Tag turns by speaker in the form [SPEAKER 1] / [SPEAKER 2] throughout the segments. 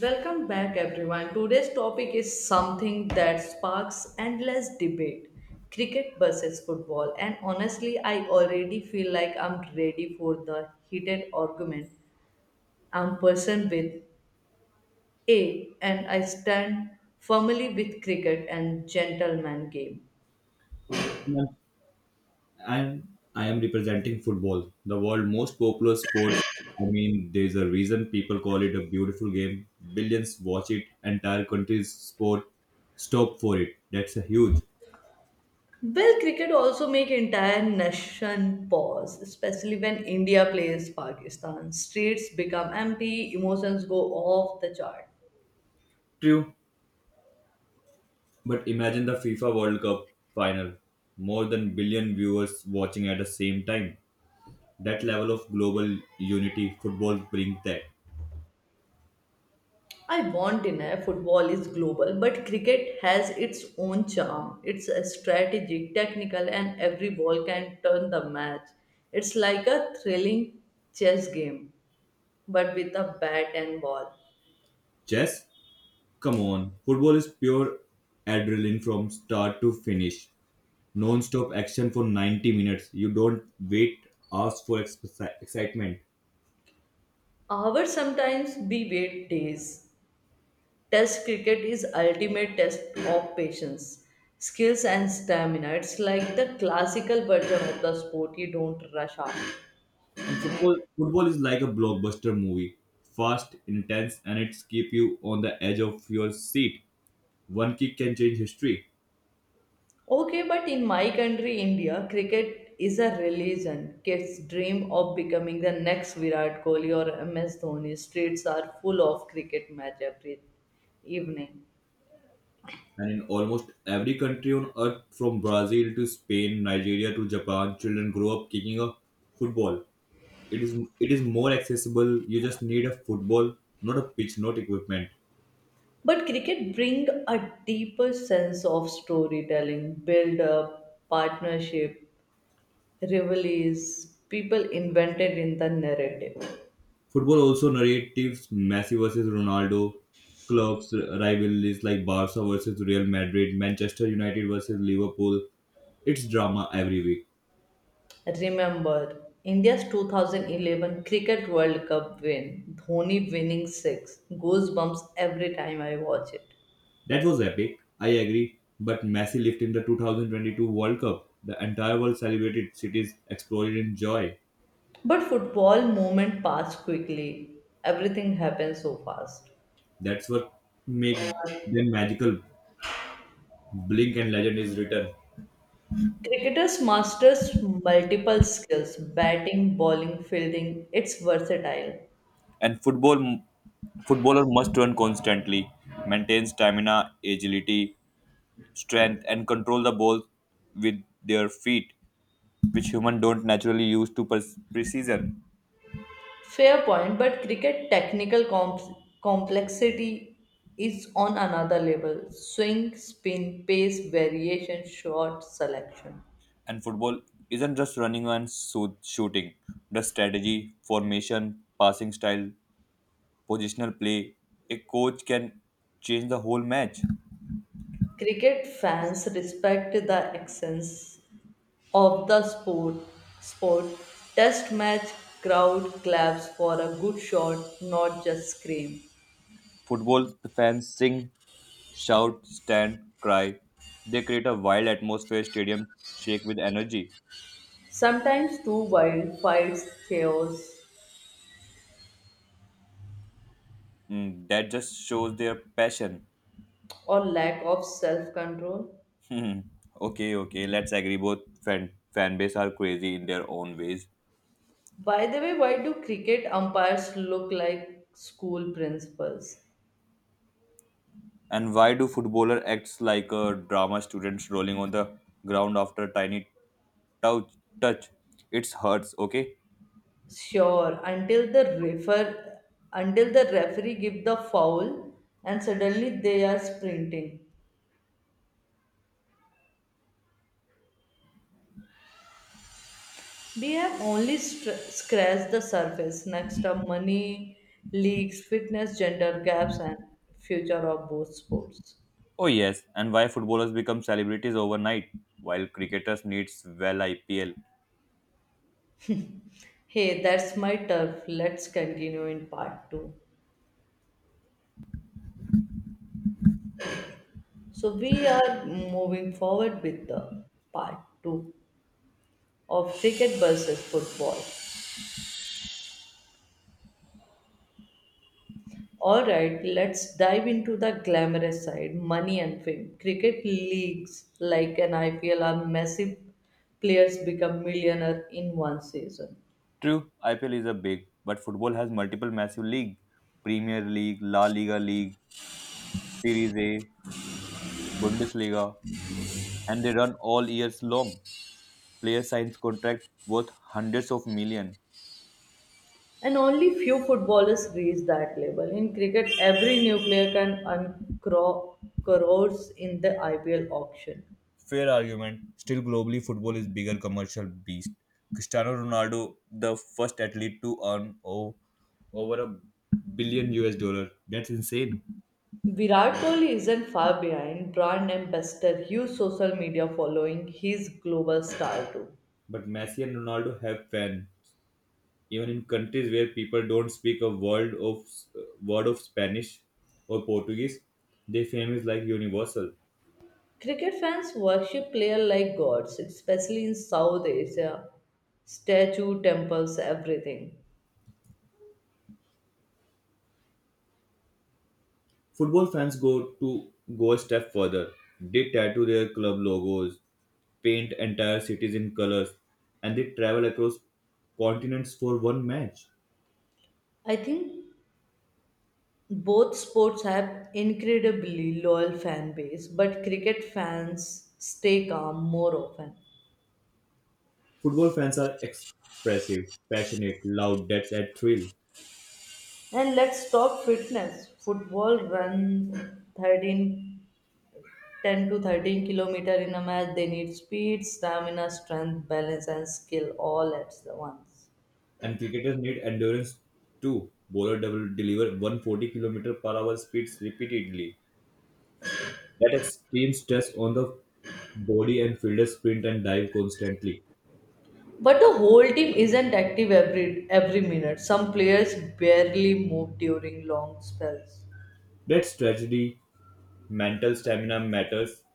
[SPEAKER 1] Welcome back, everyone. Today's topic is something that sparks endless debate cricket versus football. And honestly, I already feel like I'm ready for the heated argument. I'm person with A, and I stand firmly with cricket and gentleman game.
[SPEAKER 2] And I am representing football, the world most popular sport. I mean, there's a reason people call it a beautiful game. Billions watch it, entire countries sport stop for it. That's a huge.
[SPEAKER 1] Well, cricket also make entire nation pause, especially when India plays Pakistan. Streets become empty, emotions go off the chart.
[SPEAKER 2] True. But imagine the FIFA World Cup final. More than billion viewers watching at the same time. That level of global unity football brings that.
[SPEAKER 1] I want not deny football is global, but cricket has its own charm. It's a strategic, technical, and every ball can turn the match. It's like a thrilling chess game, but with a bat and ball.
[SPEAKER 2] Chess? Come on. Football is pure adrenaline from start to finish. Non-stop action for 90 minutes. You don't wait hours for excitement.
[SPEAKER 1] Hours sometimes be wait days. Test cricket is ultimate test of patience, skills, and stamina. It's like the classical version of the sport you don't rush out.
[SPEAKER 2] And football is like a blockbuster movie, fast, intense, and it keeps you on the edge of your seat. One kick can change history.
[SPEAKER 1] Okay, but in my country, India, cricket is a religion. Kids dream of becoming the next Virat Kohli or MS Dhoni. Streets are full of cricket match every evening.
[SPEAKER 2] And in almost every country on earth, from Brazil to Spain, Nigeria to Japan, children grow up kicking a football. It is more accessible. You just need a football, not a pitch, not equipment.
[SPEAKER 1] But cricket bring a deeper sense of storytelling, build up, partnership, rivalries. People invented in the narrative.
[SPEAKER 2] Football also narratives Messi versus Ronaldo, clubs rivalries like Barca versus Real Madrid, Manchester United versus Liverpool. It's drama every week.
[SPEAKER 1] Remember India's 2011 Cricket World Cup win, Dhoni winning six, goosebumps every time I watch it.
[SPEAKER 2] That was epic, I agree. But Messi lived in the 2022 World Cup. The entire world celebrated cities exploded in joy.
[SPEAKER 1] But football moment passed quickly. Everything happened so fast.
[SPEAKER 2] That's what make them magical. Blink and legend is written.
[SPEAKER 1] Cricketers masters multiple skills batting, bowling, fielding. It's versatile.
[SPEAKER 2] And football footballer must run constantly, maintain stamina, agility, strength, and control the ball with their feet, which humans don't naturally use to precision.
[SPEAKER 1] Fair point, but cricket technical complexity is on another level. Swing, spin, pace, variation, shot selection.
[SPEAKER 2] And football isn't just running and shooting. The strategy, formation, passing style, positional play, a coach can change the whole match.
[SPEAKER 1] Cricket fans respect the essence of the sport. Sport test match crowd claps for a good shot, not just scream.
[SPEAKER 2] Football the fans sing, shout, stand, cry. They create a wild atmosphere, stadium shake with energy.
[SPEAKER 1] Sometimes too wild fights, chaos,
[SPEAKER 2] Mm, that just shows their passion.
[SPEAKER 1] or lack of self-control.
[SPEAKER 2] Hmm. Okay, okay. Let's agree. Both fan base are crazy in their own ways.
[SPEAKER 1] By the way, why do cricket umpires look like school principals?
[SPEAKER 2] And why do footballer acts like a drama student rolling on the ground after a tiny touch? Touch. It hurts. Okay.
[SPEAKER 1] Sure, until the referee give the foul and suddenly they are sprinting. We have only scratched the surface. Next up, money, leagues, fitness, gender gaps, and future of both sports.
[SPEAKER 2] Oh yes. And why footballers become celebrities overnight while cricketers needs well IPL.
[SPEAKER 1] Hey, that's my turf. Let's continue in part two. So we are moving forward with the part two of cricket versus football. All right, let's dive into the glamorous side, money and fame. Cricket leagues like an IPL are massive players become millionaire in one season.
[SPEAKER 2] True, IPL is a big, but football has multiple massive league, Premier League, La Liga League, Series A, Bundesliga, and they run all years long. Player signs contract worth hundreds of million.
[SPEAKER 1] And only few footballers reach that level. In cricket, every new player can earn crores in the IPL auction.
[SPEAKER 2] Fair argument. Still, globally, football is bigger commercial beast. Cristiano Ronaldo, the first athlete to earn over a billion US dollar. That's insane.
[SPEAKER 1] Virat Kohli isn't far behind brand ambassador, huge social media following, he's global star too.
[SPEAKER 2] But Messi and Ronaldo have fans. Even in countries where people don't speak a word of Spanish or Portuguese, their fame is like universal.
[SPEAKER 1] Cricket fans worship players like gods, especially in South Asia. Statue, temples, everything.
[SPEAKER 2] Football fans go a step further. They tattoo their club logos, paint entire cities in colors, and they travel across continents for one match.
[SPEAKER 1] I think both sports have incredibly loyal fan base, but cricket fans stay calm more often.
[SPEAKER 2] Football fans are expressive, passionate, loud, that's a thrill.
[SPEAKER 1] And let's talk fitness. Football runs 13, 10 to 13 kilometer in a match. They need speed, stamina, strength, balance, and skill all at the once.
[SPEAKER 2] And cricketers need endurance too. Bowler double deliver 140 kilometer per hour speeds repeatedly. That extreme stress on the body and fielders sprint and dive constantly.
[SPEAKER 1] But the whole team isn't active every minute. Some players barely move during long spells.
[SPEAKER 2] That's strategy, mental stamina matters,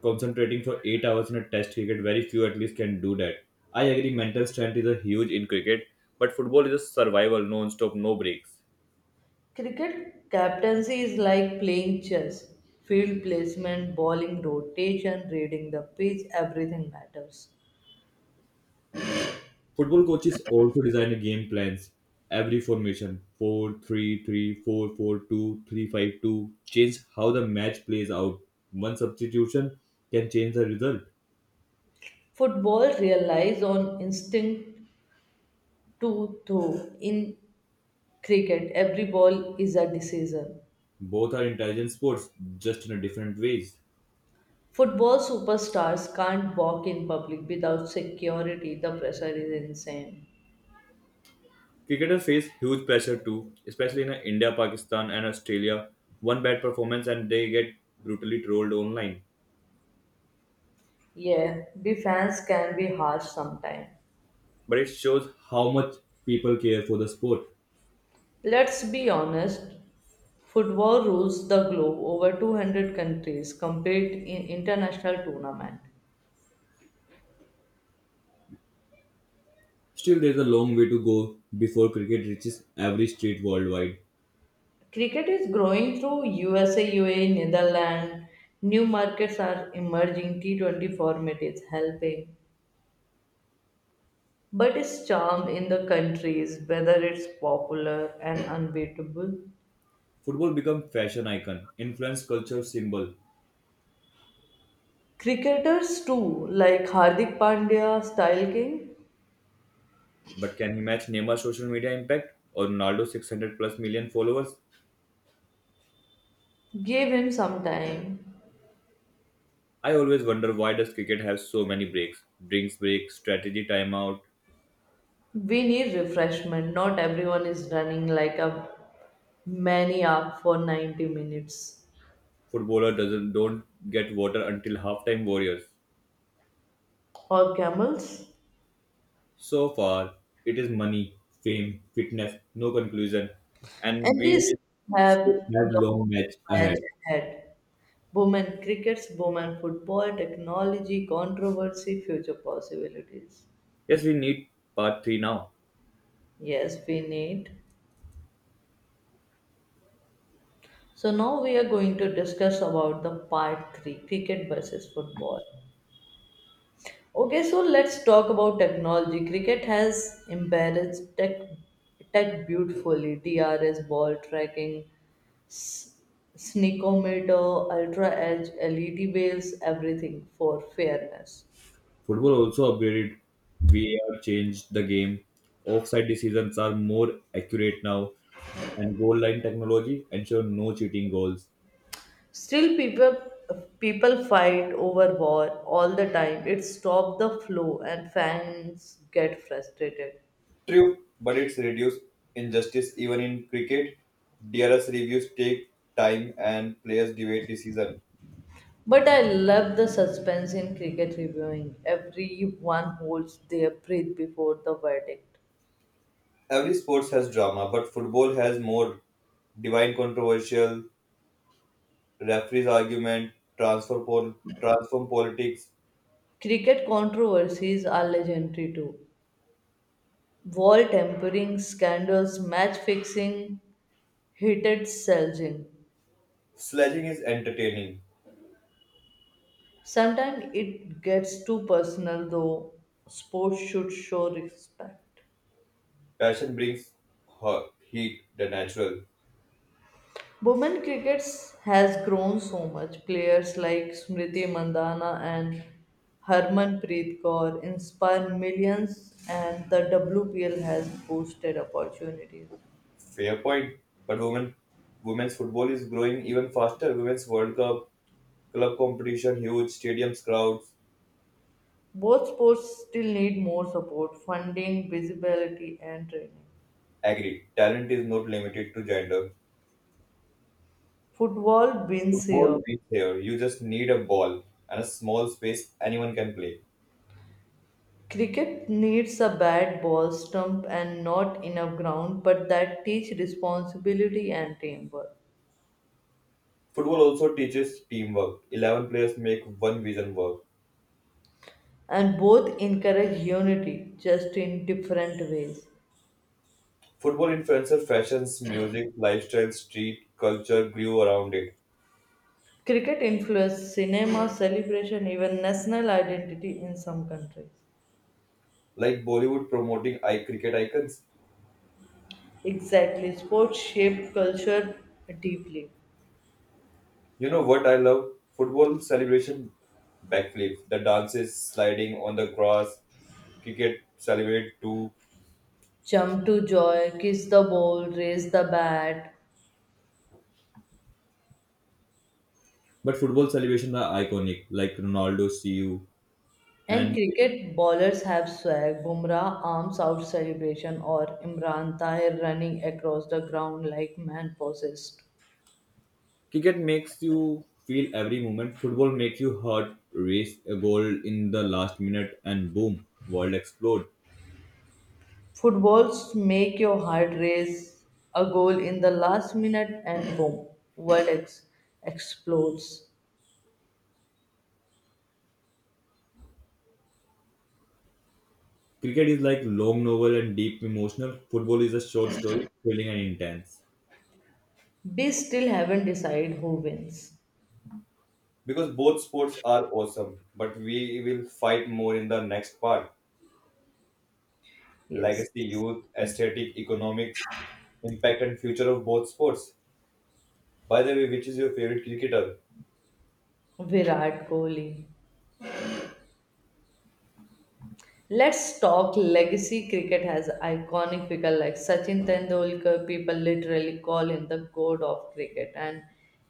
[SPEAKER 2] concentrating for 8 hours in a test cricket, very few at least can do that. I agree, mental strength is a huge in cricket, but football is a survival, non-stop, no breaks.
[SPEAKER 1] Cricket captaincy is like playing chess. Field placement, bowling rotation, reading the pitch, everything matters.
[SPEAKER 2] Football coaches also design a game plans. Every formation, 4-3-3, 4-4-2, 3-5-2, change how the match plays out. One substitution can change the result.
[SPEAKER 1] Football relies on instinct to throw. In cricket, every ball is a decision.
[SPEAKER 2] Both are intelligent sports, just in a different ways.
[SPEAKER 1] Football superstars can't walk in public without security. The pressure is insane.
[SPEAKER 2] Cricketers face huge pressure too, especially in India, Pakistan, and Australia. One bad performance and they get brutally trolled online.
[SPEAKER 1] Yeah, the fans can be harsh sometimes.
[SPEAKER 2] But it shows how much people care for the sport.
[SPEAKER 1] Let's be honest, football rules the globe over 200 countries compete in international tournament.
[SPEAKER 2] Still, there's a long way to go before cricket reaches every street worldwide.
[SPEAKER 1] Cricket is growing through USA, UAE, Netherlands. New markets are emerging. T20 format is helping. But its charm in the countries, whether it's popular and unbeatable.
[SPEAKER 2] Football become fashion icon, influence culture symbol.
[SPEAKER 1] Cricketers too, like Hardik Pandya, Style King,
[SPEAKER 2] But can he match Neymar's social media impact or Ronaldo's 600 plus million followers?
[SPEAKER 1] gave him some time.
[SPEAKER 2] I always wonder why does cricket have so many breaks? Drinks break, strategy timeout,
[SPEAKER 1] We need refreshment. Not everyone is running like a many are for 90 minutes
[SPEAKER 2] footballer doesn't don't get water until halftime warriors.
[SPEAKER 1] or camels.
[SPEAKER 2] So far, it is money, fame, fitness, no conclusion, and
[SPEAKER 1] And
[SPEAKER 2] we
[SPEAKER 1] these
[SPEAKER 2] will
[SPEAKER 1] have
[SPEAKER 2] still have long
[SPEAKER 1] long
[SPEAKER 2] match ahead.
[SPEAKER 1] voyage ahead. Women crickets, women football, technology, controversy, future possibilities.
[SPEAKER 2] Yes, we need part three now.
[SPEAKER 1] Yes, we need. So now we are going to discuss about the part three cricket versus football. Okay, so let's talk about technology. Cricket has embarrassed tech beautifully. TRS, ball tracking, s- sneakometer, ultra edge, LED waves, everything for fairness.
[SPEAKER 2] Football also upgraded. VAR changed the game. Offside decisions are more accurate now, and goal line technology ensure no cheating goals.
[SPEAKER 1] Still, people fight over war all the time. It stops the flow, and fans get frustrated.
[SPEAKER 2] True, but it's reduced injustice even in cricket. DRS reviews take time and players debate decision.
[SPEAKER 1] But I love the suspense in cricket reviewing. Everyone holds their breath before the verdict.
[SPEAKER 2] Every sports has drama, but football has more divine controversial, referees argument, transform politics.
[SPEAKER 1] Cricket controversies are legendary too. Wall tampering scandals, match fixing, heated selling.
[SPEAKER 2] Sledging is entertaining.
[SPEAKER 1] Sometimes it gets too personal though. Sports should show respect.
[SPEAKER 2] Passion brings her heat, the natural.
[SPEAKER 1] Women cricket has grown so much. Players like Smriti Mandana and Harmanpreet Kaur inspire millions and the WPL has boosted opportunities.
[SPEAKER 2] Fair point. But women's football is growing even faster. Women's World Cup, club competition, huge stadiums, crowds.
[SPEAKER 1] Both sports still need more support, funding, visibility, and training.
[SPEAKER 2] Agreed. Talent is not limited to gender.
[SPEAKER 1] Football wins
[SPEAKER 2] Football
[SPEAKER 1] here.
[SPEAKER 2] is here. You just need a ball and a small space anyone can play.
[SPEAKER 1] Cricket needs a bat, ball, stump, and not enough ground, but that teach responsibility and teamwork.
[SPEAKER 2] Football also teaches teamwork. 11 players make one vision work.
[SPEAKER 1] And both encourage unity, just in different ways.
[SPEAKER 2] Football influencer fashions, music, lifestyle, street culture grew around it.
[SPEAKER 1] Cricket influences cinema, celebration, even national identity in some countries.
[SPEAKER 2] Like Bollywood promoting I cricket icons.
[SPEAKER 1] Exactly, sports shape culture deeply.
[SPEAKER 2] You know what I love? Football celebration backflip. The dances sliding on the grass. Cricket celebrate too.
[SPEAKER 1] Jump to joy, kiss the ball, raise the bat.
[SPEAKER 2] But football celebrations are iconic, like Ronaldo see you,
[SPEAKER 1] And
[SPEAKER 2] and
[SPEAKER 1] cricket bowlers have swag. Bumrah arms out celebration or Imran Tahir running across the ground like man possessed.
[SPEAKER 2] cricket makes you feel every moment. Football makes you heart race a goal in the last minute, and boom, world explode.
[SPEAKER 1] Footballs make your heart race, a goal in the last minute and boom, world explodes.
[SPEAKER 2] Cricket is like long novel and deep emotional. Football is a short story, thrilling and intense.
[SPEAKER 1] We still haven't decided who wins.
[SPEAKER 2] Because both sports are awesome, but we will fight more in the next part.
[SPEAKER 1] Yes.
[SPEAKER 2] Legacy, youth, aesthetic, economics, impact, and future of both sports. By the way, which is your favorite cricketer?
[SPEAKER 1] Virat Kohli. Let's talk legacy cricket has iconic figures like Sachin Tendulkar. People literally call him the god of cricket, and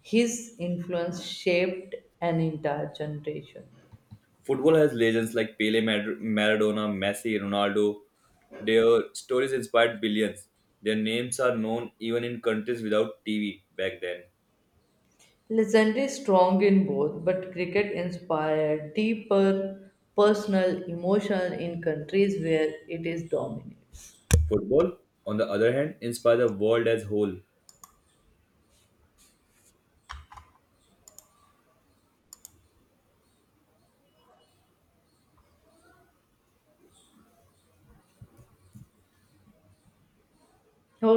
[SPEAKER 1] his influence shaped an entire generation.
[SPEAKER 2] Football has legends like Pele, Maradona, Messi, Ronaldo. Their stories inspired billions. Their names are known even in countries without TV back then.
[SPEAKER 1] Legendary strong in both, but cricket inspired deeper personal, emotional in countries where it is dominates.
[SPEAKER 2] Football, on the other hand, inspired the world as whole.
[SPEAKER 1] Okay.